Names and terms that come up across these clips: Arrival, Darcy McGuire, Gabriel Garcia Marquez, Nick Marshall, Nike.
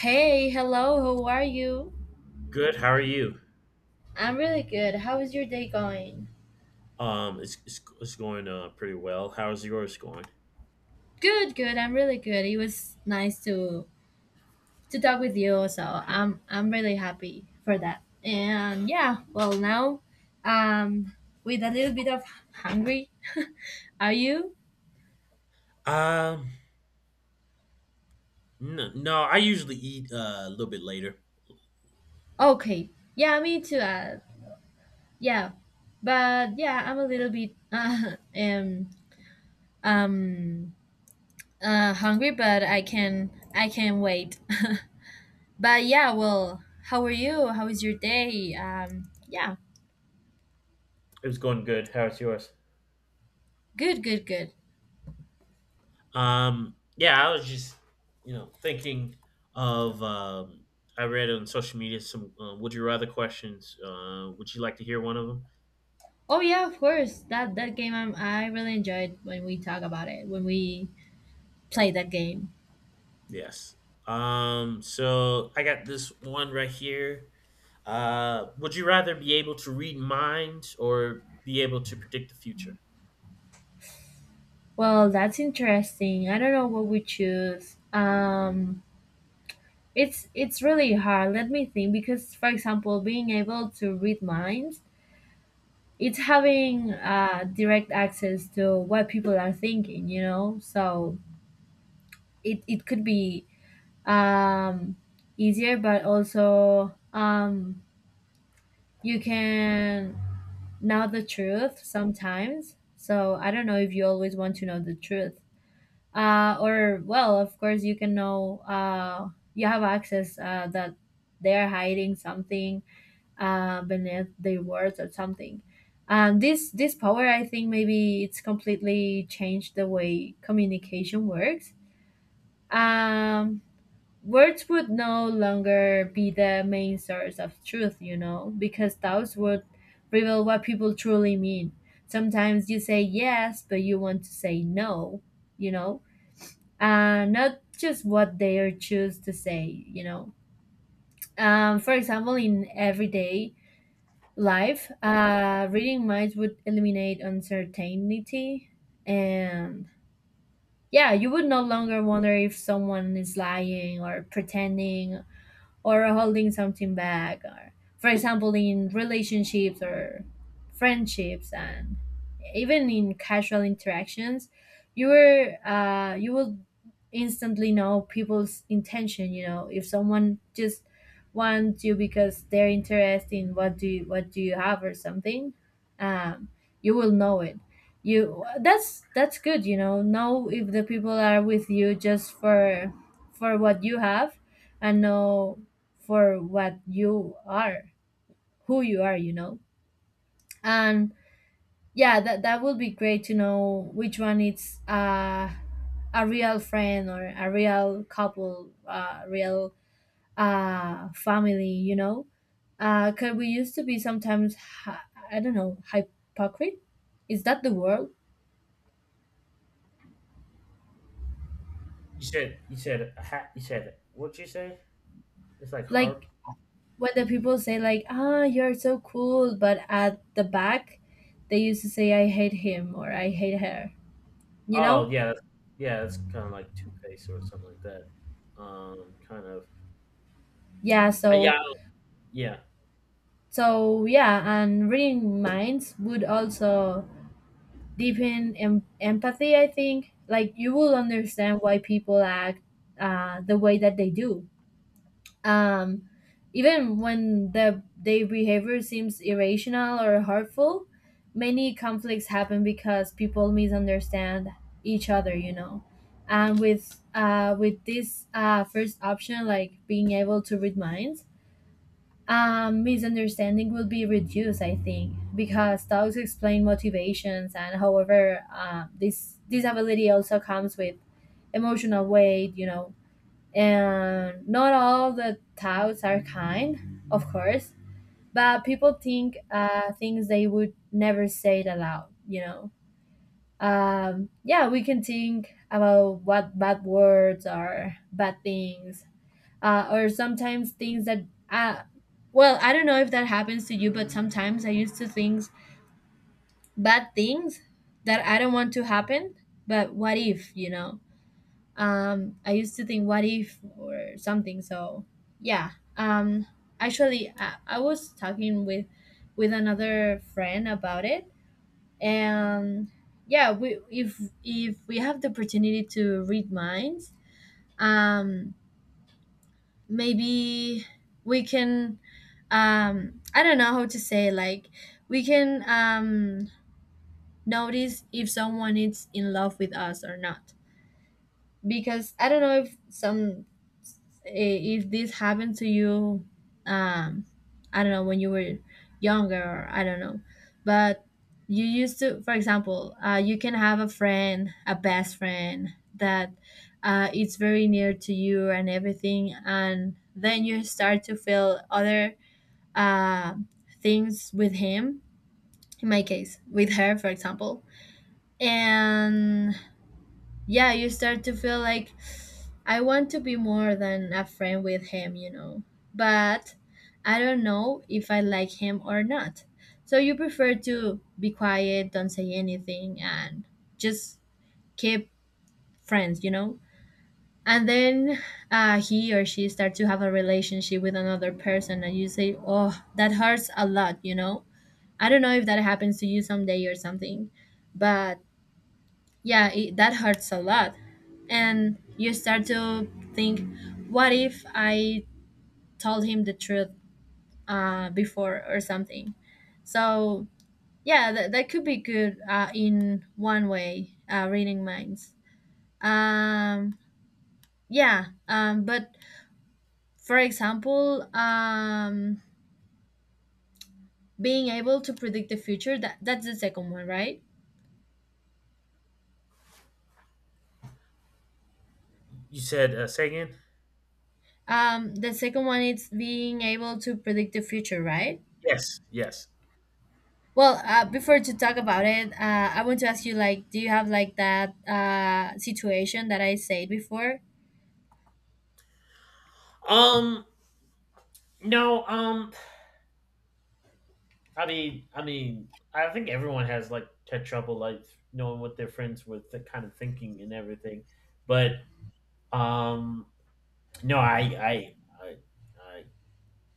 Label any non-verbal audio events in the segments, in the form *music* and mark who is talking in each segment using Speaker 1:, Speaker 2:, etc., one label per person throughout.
Speaker 1: Hey, hello, how are you?
Speaker 2: Good. How are you?
Speaker 1: I'm really good. How is your day going?
Speaker 2: It's going pretty well. How's yours going?
Speaker 1: Good, good. I'm really good. It was nice to talk with you, so I'm really happy for that. And yeah, well now um with a little bit of hungry. *laughs* Are you?
Speaker 2: Um, no, no, I usually eat a little bit later.
Speaker 1: Okay. Yeah, me too. Yeah. But yeah, I'm a little bit *laughs* um hungry, but I can wait. *laughs* But yeah, well, how are you? How is your day? Yeah,
Speaker 2: It was going good. How's yours?
Speaker 1: good, good, good.
Speaker 2: Yeah, I was just, thinking of. I read on social media some "Would you rather" questions. Would you like to hear one of them?
Speaker 1: Oh yeah, of course. That game, I really enjoyed when we talk about it when we play that game.
Speaker 2: Yes. So I got this one right here. Would you rather be able to read minds or be able to predict the future?
Speaker 1: Well, that's interesting. I don't know what we choose. It's really hard. Let me think, because, for example, being able to read minds, it's having direct access to what people are thinking. You know, so it could be um easier, but also, you can know the truth sometimes. So I don't know if you always want to know the truth, or, well, of course, you can know, you have access, that they are hiding something beneath their words, or something. This power, I think, maybe it's completely changed the way communication works. um Words would no longer be the main source of truth, you know, because thoughts would reveal what people truly mean. Sometimes you say yes, but you want to say no, you know, not just what they are choose to say, you know. For example, in everyday life, reading minds would eliminate uncertainty, and yeah, you would no longer wonder if someone is lying or pretending or holding something back, or, for example, in relationships or friendships, and even in casual interactions, you will instantly know people's intention, you know, if someone just wants you because they're interested in what do you have, or something. um, you will know it. You That's good. You know if the people are with you, just for what you have, and know, for what you are, who you are, you know. And yeah, that would be great, to know which one is, a real friend, or a real couple, real, family, you know. Cause we used to be sometimes, I don't know, hypocrite. Is that the word?
Speaker 2: You said. What'd you say? It's like
Speaker 1: Like
Speaker 2: Harp.
Speaker 1: when the people say, like, ah, you're so cool, but at the back, they used to say, I hate him or I hate her, you
Speaker 2: Oh
Speaker 1: know?
Speaker 2: yeah, that's, yeah. It's kind of like Two Face or something like that. Kind of.
Speaker 1: Yeah,
Speaker 2: Yeah,
Speaker 1: so
Speaker 2: yeah.
Speaker 1: So yeah, and reading minds would also deepen empathy. I think, like, you will understand why people act, the way that they do. Um, Even when their behavior seems irrational or hurtful, many conflicts happen because people misunderstand each other. You know, and with this, first option, like being able to read minds, misunderstanding will be reduced, I think, because dogs explain motivations, and however, this ability also comes with emotional weight, you know. And not all the dogs are kind, of course, but people think, things they would never say it aloud, you know. Yeah, we can think about what bad words are, bad things, or sometimes things that, uh, well, I don't know if that happens to you, but sometimes I used to think bad things that I don't want to happen, but what if, you know, I used to think what if, or something. So yeah. um, Actually, I was talking with another friend about it, and yeah, we, if we have the opportunity to read minds, um maybe we can, I don't know how to say, like, we can, notice if someone is in love with us or not. Because I don't know if if this happened to you. um I don't know, when you were younger, or I don't know, but you used to, for example, you can have a friend, a best friend, that, it's very near to you and everything, and then you start to feel other, uh, things with him, in my case with her, for example, and yeah, you start to feel like, I want to be more than a friend with him, you know. But I don't know if I like him or not. So you prefer to be quiet, don't say anything, and just keep friends, you know? And then, he or she start to have a relationship with another person, and you say, oh, that hurts a lot, you know? I don't know if that happens to you someday or something, but yeah, that hurts a lot. And you start to think, what if I told him the truth, before or something. So yeah, that could be good, in one way, reading minds. Um, yeah. But for example, being able to predict the future, that's the second one, right?
Speaker 2: You said say again?
Speaker 1: The second one is being able to predict the future, right?
Speaker 2: Yes, yes.
Speaker 1: Well, before to talk about it, I want to ask you, like, do you have, like, that, situation that I said before?
Speaker 2: Um, no. I mean, I think everyone has like had trouble like knowing what their friends were the kind of thinking and everything, but um, no, I, I,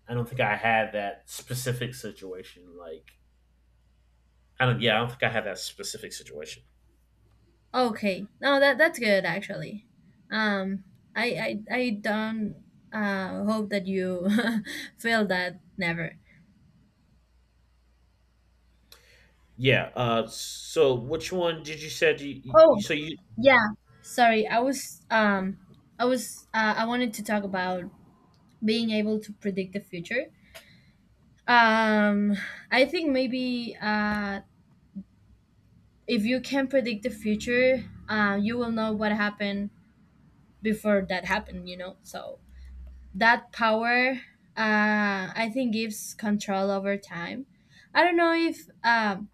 Speaker 2: I don't think I had that specific situation. Like, I don't. Yeah, I don't think I had that specific situation.
Speaker 1: Okay, no, that's good, actually. Um, I don't hope that you *laughs* feel that never.
Speaker 2: Yeah. So, which one did you said
Speaker 1: Oh
Speaker 2: so you,
Speaker 1: yeah, sorry. I wanted to talk about being able to predict the future. Um, I think maybe, if you can predict the future, you will know what happened before that happened. You know, so that power, I think, gives control over time. I don't know if,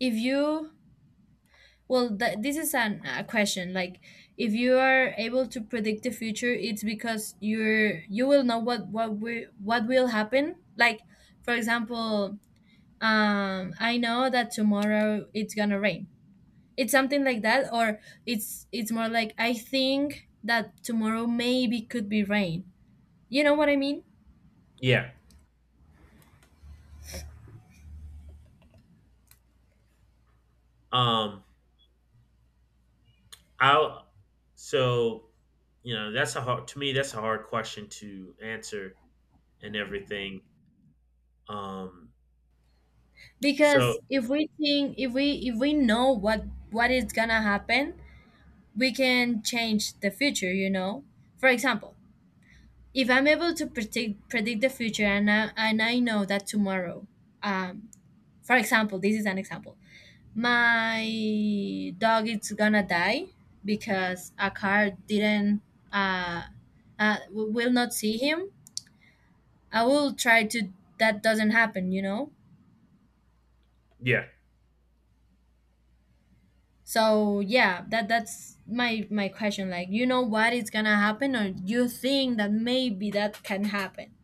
Speaker 1: if you, well, this is a question, like, if you are able to predict the future, it's because you will know what will happen. Like, for example, I know that tomorrow it's gonna rain. It's something like that, or it's more like, I think that tomorrow maybe could be rain, you know what I mean.
Speaker 2: yeah. Um. I so that's a hard to me that's a hard question to answer and everything. Um. So
Speaker 1: Because if we think if we know what is gonna happen, we can change the future, you know. For example, if I'm able to predict the future, and I know that tomorrow, um for example, this is an example, my dog is gonna die, because a car didn't uh, w- will not see him, I will try to, that doesn't happen, you know.
Speaker 2: yeah.
Speaker 1: So yeah, that's my question. Like, you know what is gonna happen, or you think that maybe that can happen?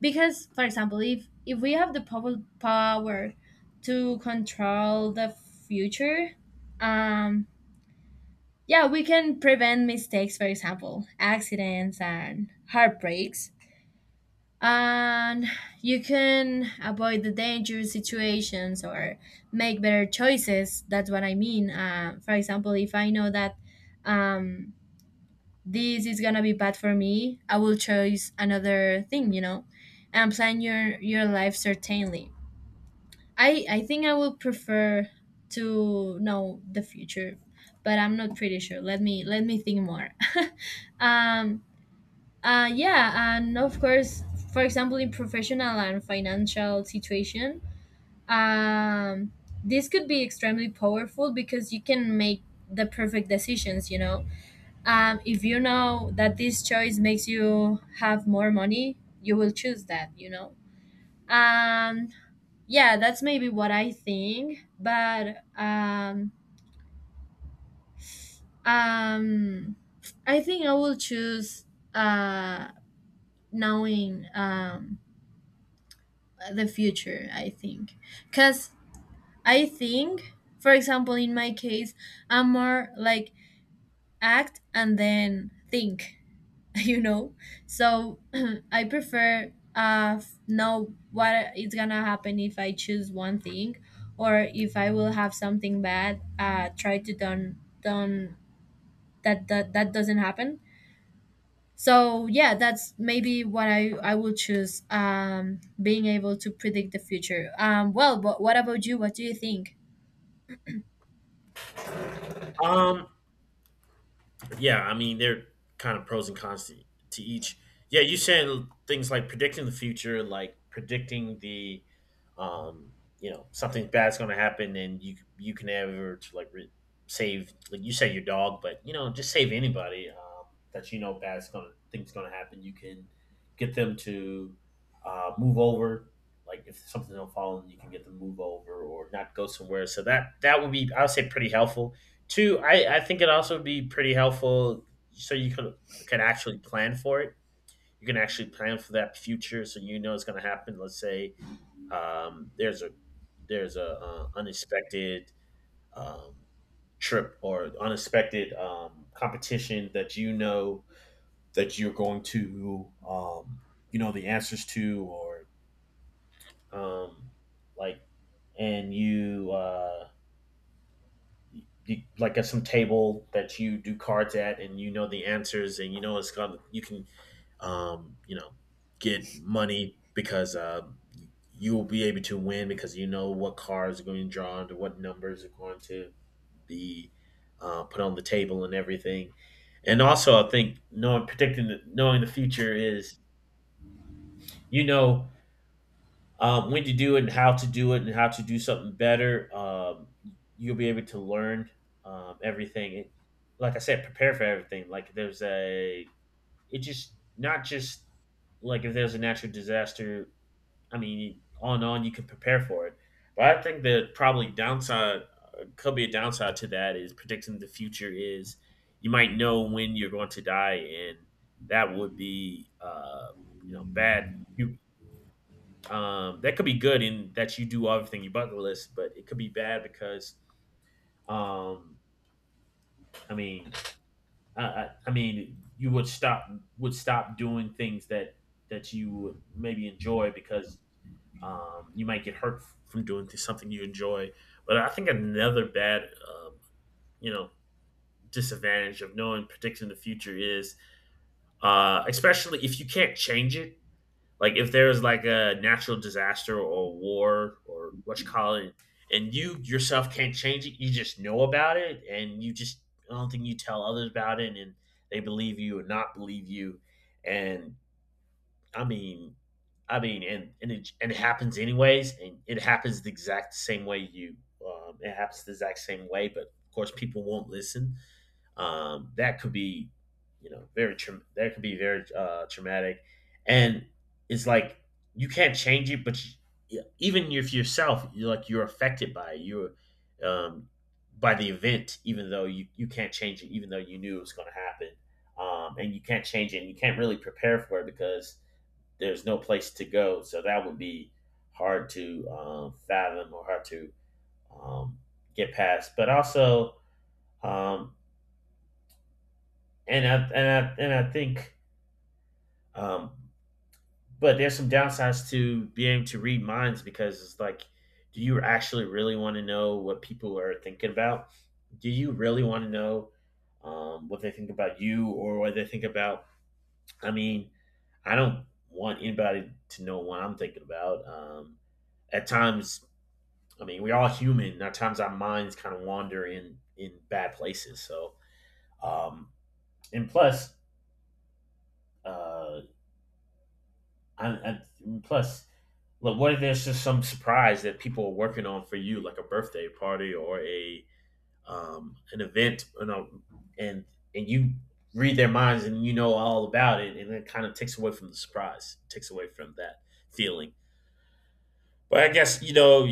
Speaker 1: Because, for example, if we have the power to control the future, um, yeah, we can prevent mistakes, for example, accidents and heartbreaks, and you can avoid the dangerous situations, or make better choices. That's what I mean. For example, if I know that, um, this is gonna be bad for me, I will choose another thing, you know, and plan your life, certainly. I think I would prefer to know the future, but I'm not pretty sure. Let me, think more. *laughs* um yeah, and of course, for example, in professional and financial situation, um, this could be extremely powerful, because you can make the perfect decisions. You know, if you know that this choice makes you have more money, you will choose that. You know, um, yeah, that's maybe what I think, but, um, I think I will choose, uh knowing, the future, I think, because I think, for example, in my case, I'm more like, act and then think, *laughs* you know. So *clears throat* I prefer, know what is gonna happen if I choose one thing, or if I will have something bad, try to, don't, that doesn't happen. So yeah, that's maybe what I will choose, being able to predict the future. Well, but what about you, what do you think?
Speaker 2: Um. Yeah, I mean, they're kind of pros and cons to each. Yeah, you saying things like predicting the future, like predicting the, um, something bad's going to happen, and you can ever to like save, like you say your dog, but just save anybody that you know bad's going to things going to happen. You can get them to move over. Like if something don't fall, you can get them to move over or not go somewhere. So that would be, I would say, pretty helpful. Two, I think it also be pretty helpful so you can actually plan for it. You can actually plan for that future, so you know it's going to happen. Let's say um, there's a there's a unexpected um, trip or unexpected competition that you know that you're going to you know the answers to or um, like and you you, like at some table that you do cards at and you know the answers and you know it's gonna you can um you know get money because you will be able to win because you know what cards are going to draw and what numbers are going to be put on the table and everything. And also I think knowing knowing the future is you know when to do it and how to do it and how to do something better. You'll be able to learn everything. And like I said, prepare for everything. Like it just not just like if there's a natural disaster. I mean, on and on you can prepare for it. But I think the probably downside could be a downside to that is predicting the future is you might know when you're going to die, and that would be you know bad you. That could be good in that you do everything you bucket list, but it could be bad because um, I mean, I mean, you would stop doing things that you would maybe enjoy because you might get hurt from doing something you enjoy. But I think another bad, um, you know, disadvantage of knowing predicting the future is, especially if you can't change it. Like if there was like a natural disaster or war or what you call it, and you yourself can't change it, you just know about it, and you just I don't think you tell others about it, and they believe you or not believe you, and I mean, and it happens anyways, and it happens the exact same way you. It happens the exact same way, but of course, people won't listen. That could be, that could be very traumatic, and it's like you can't change it, but you, even if yourself, you're like you're affected by it. You're um, by the event, even though you can't change it, even though you knew it was going to happen, and you can't change it, and you can't really prepare for it because there's no place to go. So that would be hard to fathom or hard to um, get past. But also, um, and I, and and I think, um, but there's some downsides to being able to read minds because it's like, do you actually really want to know what people are thinking about? Do you really want to know what they think about you or what they think about? I mean, I don't want anybody to know what I'm thinking about. At times, I mean, we're all human. At times, our minds kind of wander in bad places. So, um, and plus, uh, I, I, plus, look, what if there's just some surprise that people are working on for you, like a birthday party or a an event, and and you read their minds and you know all about it, and it kind of takes away from the surprise, takes away from that feeling. But I guess,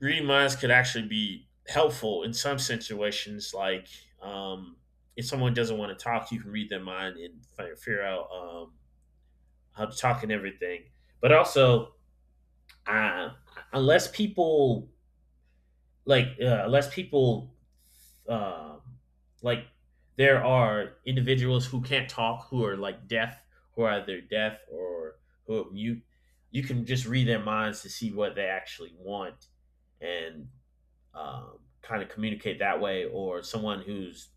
Speaker 2: reading minds could actually be helpful in some situations. Like, um, if someone doesn't want to talk, you can read their mind and figure out how to talk and everything. But also, uh, unless people unless people um, like, there are individuals who can't talk, who are like deaf, who are either deaf or who are mute. You can just read their minds to see what they actually want, and kind of communicate that way, or someone who's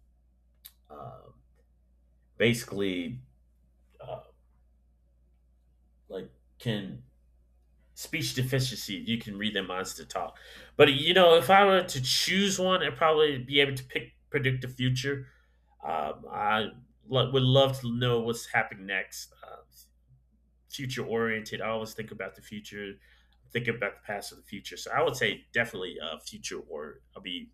Speaker 2: um basically uh, like can speech deficiency. You can read their minds to talk. But if I were to choose one, I'd probably be able to pick predict the future. I would love to know what's happening next. Future oriented. I always think about the future, thinking about the past or the future. So I would say definitely future or I'll be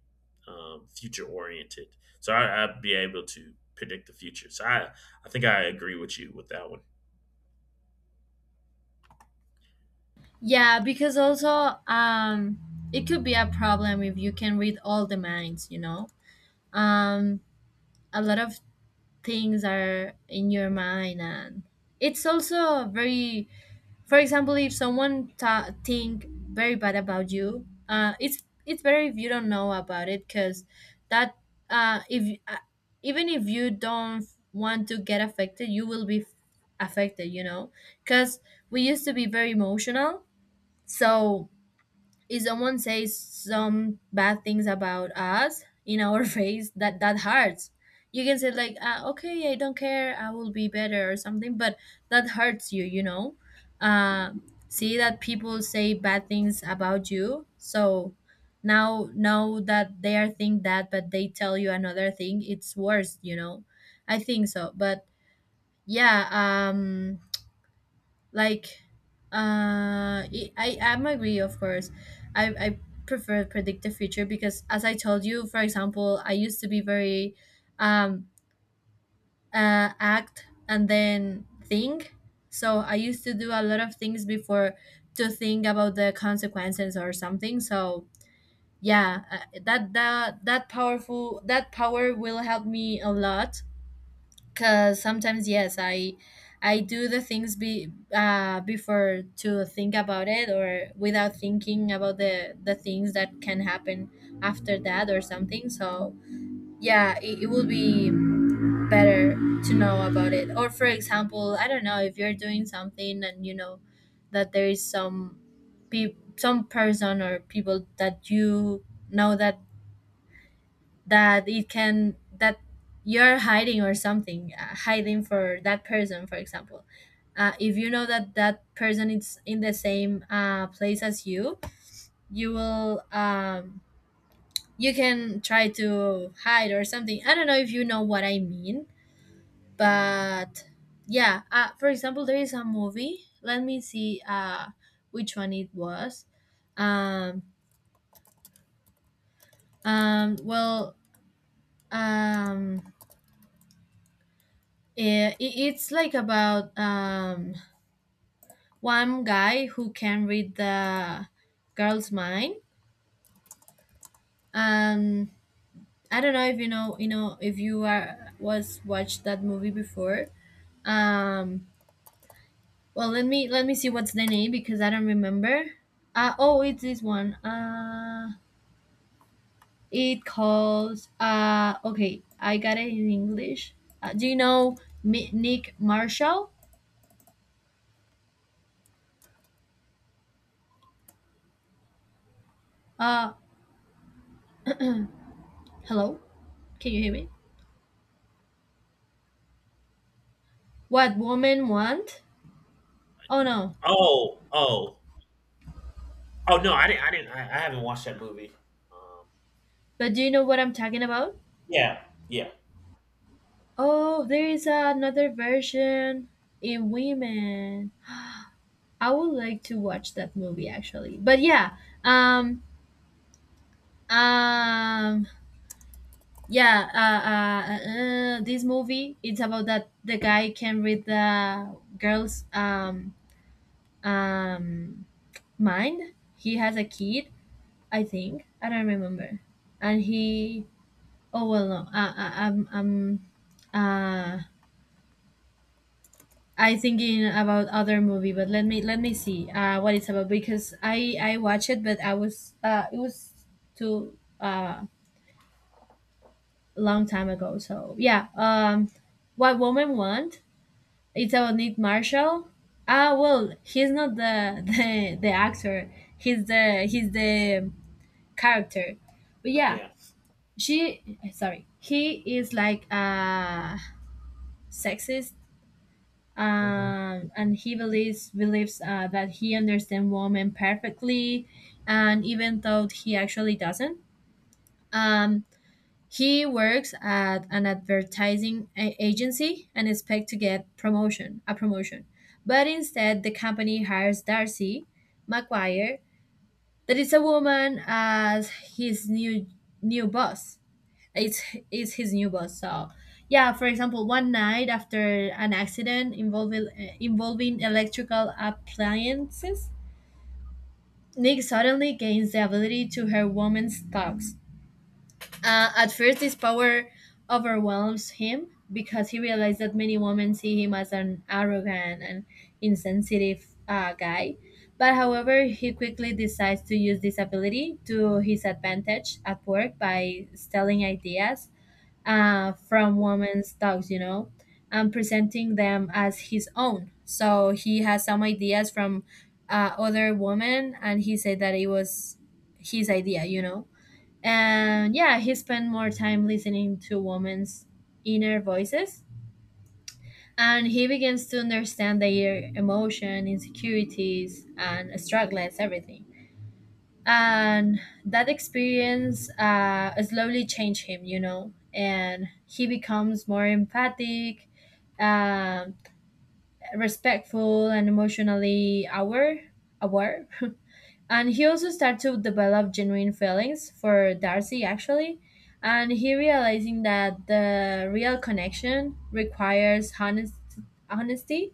Speaker 2: future oriented. So I'd be able to predict the future. So I think I agree with you with that one.
Speaker 1: Yeah, because also, it could be a problem if you can read all the minds, you know. um a lot of things are in your mind, and it's also very, for example, if someone think very bad about you, it's better if you don't know about it, because that, if you- even if you don't want to get affected, you will be affected, you know, because we used to be very emotional. So if someone says some bad things about us in our *laughs* face, that hurts. You can say, like, "Ah, okay, I don't care, I will be better, or something, but that hurts you, you know, uh, see that people say bad things about you, so now know that they are think that, but they tell you another thing, it's worse, you know, I think so. But yeah, like, I am Agree, of course. I prefer predict the future because, as I told you, for example, I used to be very, um act and then think. So I used to do a lot of things before to think about the consequences or something. So yeah, that powerful, that power will help me a lot. Cause sometimes, yes, I do the things be before to think about it, or without thinking about the things that can happen after that or something. So yeah, it would be better to know about it. Or for example, I don't know, if you're doing something and you know that there is some some person or people that you know that that it can that you're hiding or something, hiding for that person, for example. If you know that that person is in the same place as you, you will you can try to hide or something. I don't know if you know what I mean. But yeah, for example, there is a movie. Let me see, which one it was. um, well, um, Eh, i- it's like about one guy who can read the girl's mind. Um, I don't know if you know, you know, if you are was watched that movie before. um well, let me see what's the name, because I don't remember. Oh, it's this one. It calls, okay, I got it in English. Do you know Nick Marshall? uh Hello, can you hear me? What Women Want. Oh no.
Speaker 2: Oh, oh, oh no, I didn't, I haven't watched that movie. Um,
Speaker 1: But do you know what I'm talking about?
Speaker 2: yeah, yeah,
Speaker 1: Oh, there is another version, in women. I would like to watch that movie, actually. But yeah, um, um, yeah, this movie, it's about that the guy can read the girl's um mind. He has a kid, I think. I don't remember. And he, oh well, no, uh I thinking about other movie. But let me see, what it's about, because I watched it, but I was it was too, long time ago. So yeah, what woman want? It's about Nick Marshall. Ah, well, he's not the *laughs* the actor. He's the character. But yeah,
Speaker 2: yeah,
Speaker 1: she sorry, he is like a sexist,
Speaker 2: hmm,
Speaker 1: and he believes that he understands women perfectly. And even though he actually doesn't, um, he works at an advertising agency and expect to get promotion, a promotion. But instead, the company hires Darcy McGuire, that is a woman, as his new boss. It's it's his new boss. So yeah, for example, one night after an accident involving electrical appliances, Nick suddenly gains the ability to hear women's talks. At first, this power overwhelms him, because he realized that many women see him as an arrogant and insensitive guy. But however, he quickly decides to use this ability to his advantage at work by stealing ideas from women's dogs, and presenting them as his own. So he has some ideas from, other women, and he said that it was his idea. And yeah, he spent more time listening to women's inner voices, and he begins to understand their emotion, insecurities, and struggles, everything. And that experience, slowly changed him, and he becomes more empathic, um respectful, and emotionally aware *laughs* and he also started to develop genuine feelings for Darcy, actually. And he realizing that the real connection requires honesty,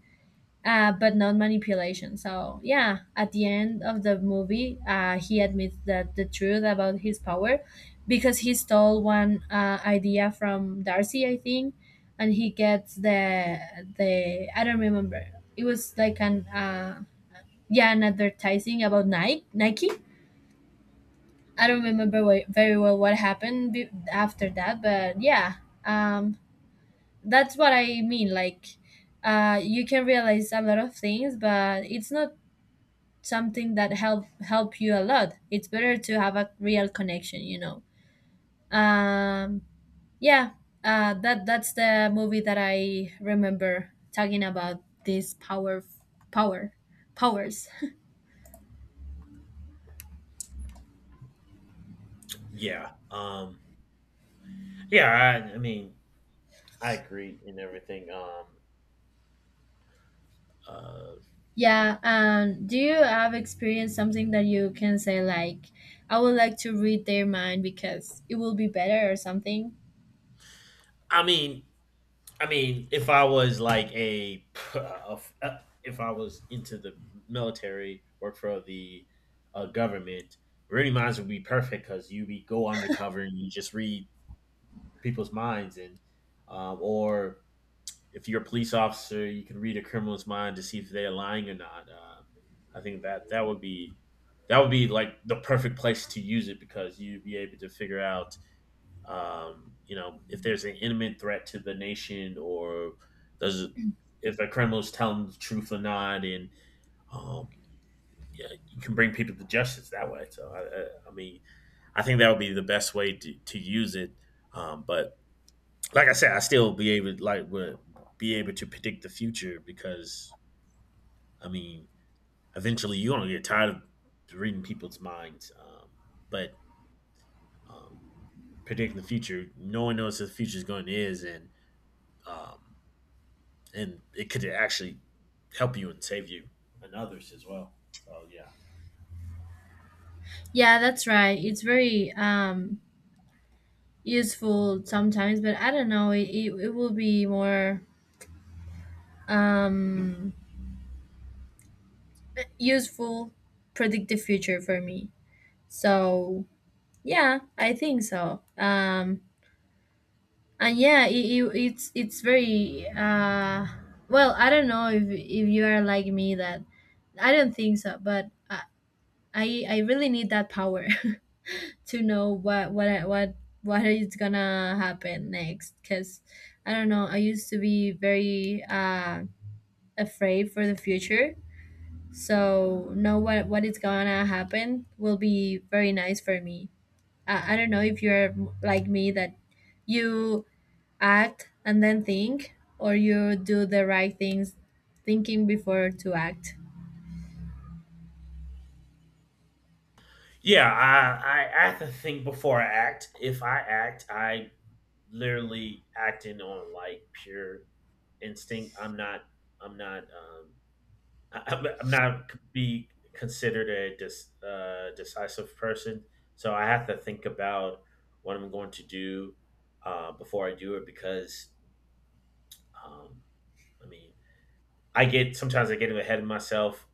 Speaker 1: but not manipulation. So yeah, at the end of the movie, he admits that the truth about his power, because he stole one, idea from Darcy, I think, and he gets the I don't remember. It was like an, yeah, an advertising about Nike. I don't remember very well what happened after that, but yeah, um, that's what I mean. Like, you can realize a lot of things, but it's not something that help you a lot. It's better to have a real connection. um yeah, that's the movie that I remember, talking about this power power powers *laughs*
Speaker 2: yeah, yeah. I mean, I agree in everything. Uh,
Speaker 1: yeah, do you have experienced something that you can say, like, I would like to read their mind because it will be better, or something?
Speaker 2: I mean, I mean, if I was like a, if I was into the military, work for the government, reading minds would be perfect because you be go undercover and you just read people's minds, and or if you're a police officer, you can read a criminal's mind to see if they're lying or not. I think that would be like the perfect place to use it because you'd be able to figure out if there's an imminent threat to the nation or does if a criminal's telling the truth or not, and um, yeah, you can bring people to justice that way. So I mean, I think that would be the best way to use it. But like I said, I still be able like would be able to predict the future because I mean, eventually you're gonna get tired of reading people's minds. But um, predicting the future, no one knows what the future is going to is, um, and it could actually help you and save you and others as well. So yeah,
Speaker 1: Yeah, that's right. It's very, useful sometimes, but I don't know, it will be more, um, useful, predict the future for me. So yeah, I think so. And yeah, it's very, well, I don't know, if you are like me, that I don't think so, but I really need that power *laughs* to know what I- what is gonna happen next, because I don't know. I used to be very, afraid for the future, so know what is gonna happen will be very nice for me. I don't know if you're like me, that you act and then think, or you do the right things, thinking before to act.
Speaker 2: yeah, I have to think before I act. If I act, I literally acting on like pure instinct. I'm not. I'm not. I'm not be considered a decisive person. So I have to think about what I'm going to do before I do it because um, I mean I get sometimes I get ahead of myself,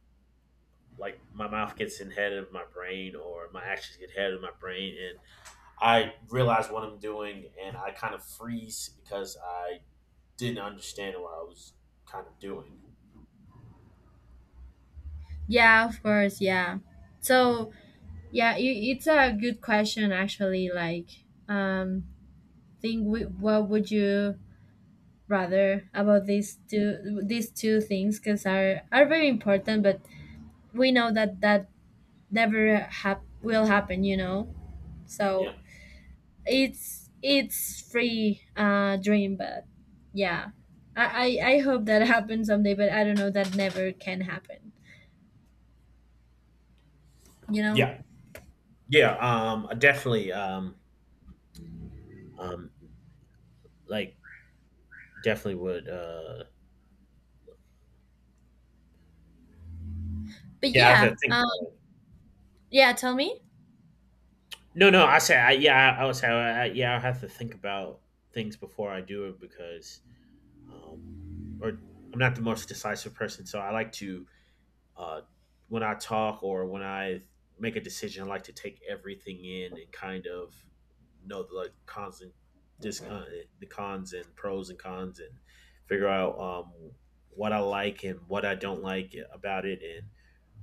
Speaker 2: like my mouth gets ahead of my brain or my actions get ahead of my brain, and I realize what I'm doing, and I kind of freeze because I didn't understand what I was kind of doing.
Speaker 1: Yeah, of course, yeah. So yeah, it's a good question, actually. Like, what would you rather about these two things, because are very important, but we know that never will happen, you know. So
Speaker 2: Yeah,
Speaker 1: it's free, dream, but yeah. I hope that *laughs* happens someday, but I don't know, that never can happen, you know.
Speaker 2: yeah, yeah, I definitely um like definitely would
Speaker 1: But
Speaker 2: yeah, I have
Speaker 1: yeah,
Speaker 2: to think about it.
Speaker 1: yeah, tell me.
Speaker 2: No, no, I say yeah, would say yeah, I have to think about things before I do it because um or I'm not the most decisive person, so I like to uh, when I talk or when I make a decision, I like to take everything in and kind of know the like, cons and dis- uh, the cons and pros and cons and figure out what I like and what I don't like about it and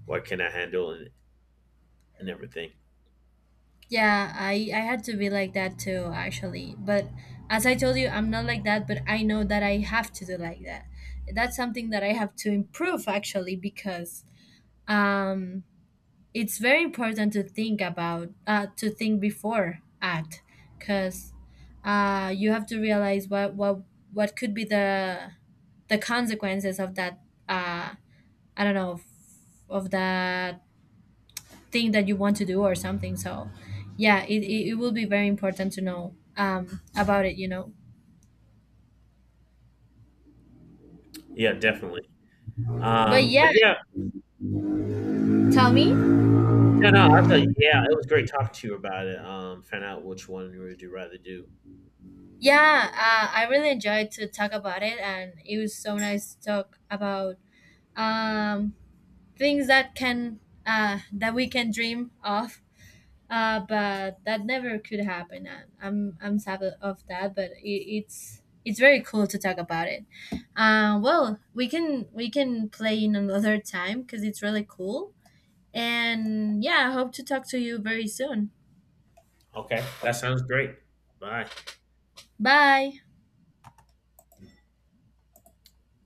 Speaker 2: what can I handle and everything.
Speaker 1: Yeah, I had to be like that too, actually. But as I told you, I'm not like that, but I know that I have to do like that. That's something that I have to improve, actually, because, um it's very important to think about, to think before act. Because, you have to realize what could be the consequences of that, I don't know, of that thing that you want to do or something. So yeah, it will be very important to know, about it, you know.
Speaker 2: Yeah, definitely.
Speaker 1: But yeah,
Speaker 2: But yeah,
Speaker 1: tell me.
Speaker 2: no, no, I was like, yeah, it was great talking to you about it. Find out which one you rather do.
Speaker 1: Yeah, I really enjoyed to talk about it, and it was so nice to talk about, um, things that can, that we can dream of, but that never could happen. And I'm sad of that, but it's very cool to talk about it. Well, we can play in another time, because it's really cool. And yeah, I hope to talk to you very soon.
Speaker 2: Okay, that sounds great. Bye.
Speaker 1: Bye.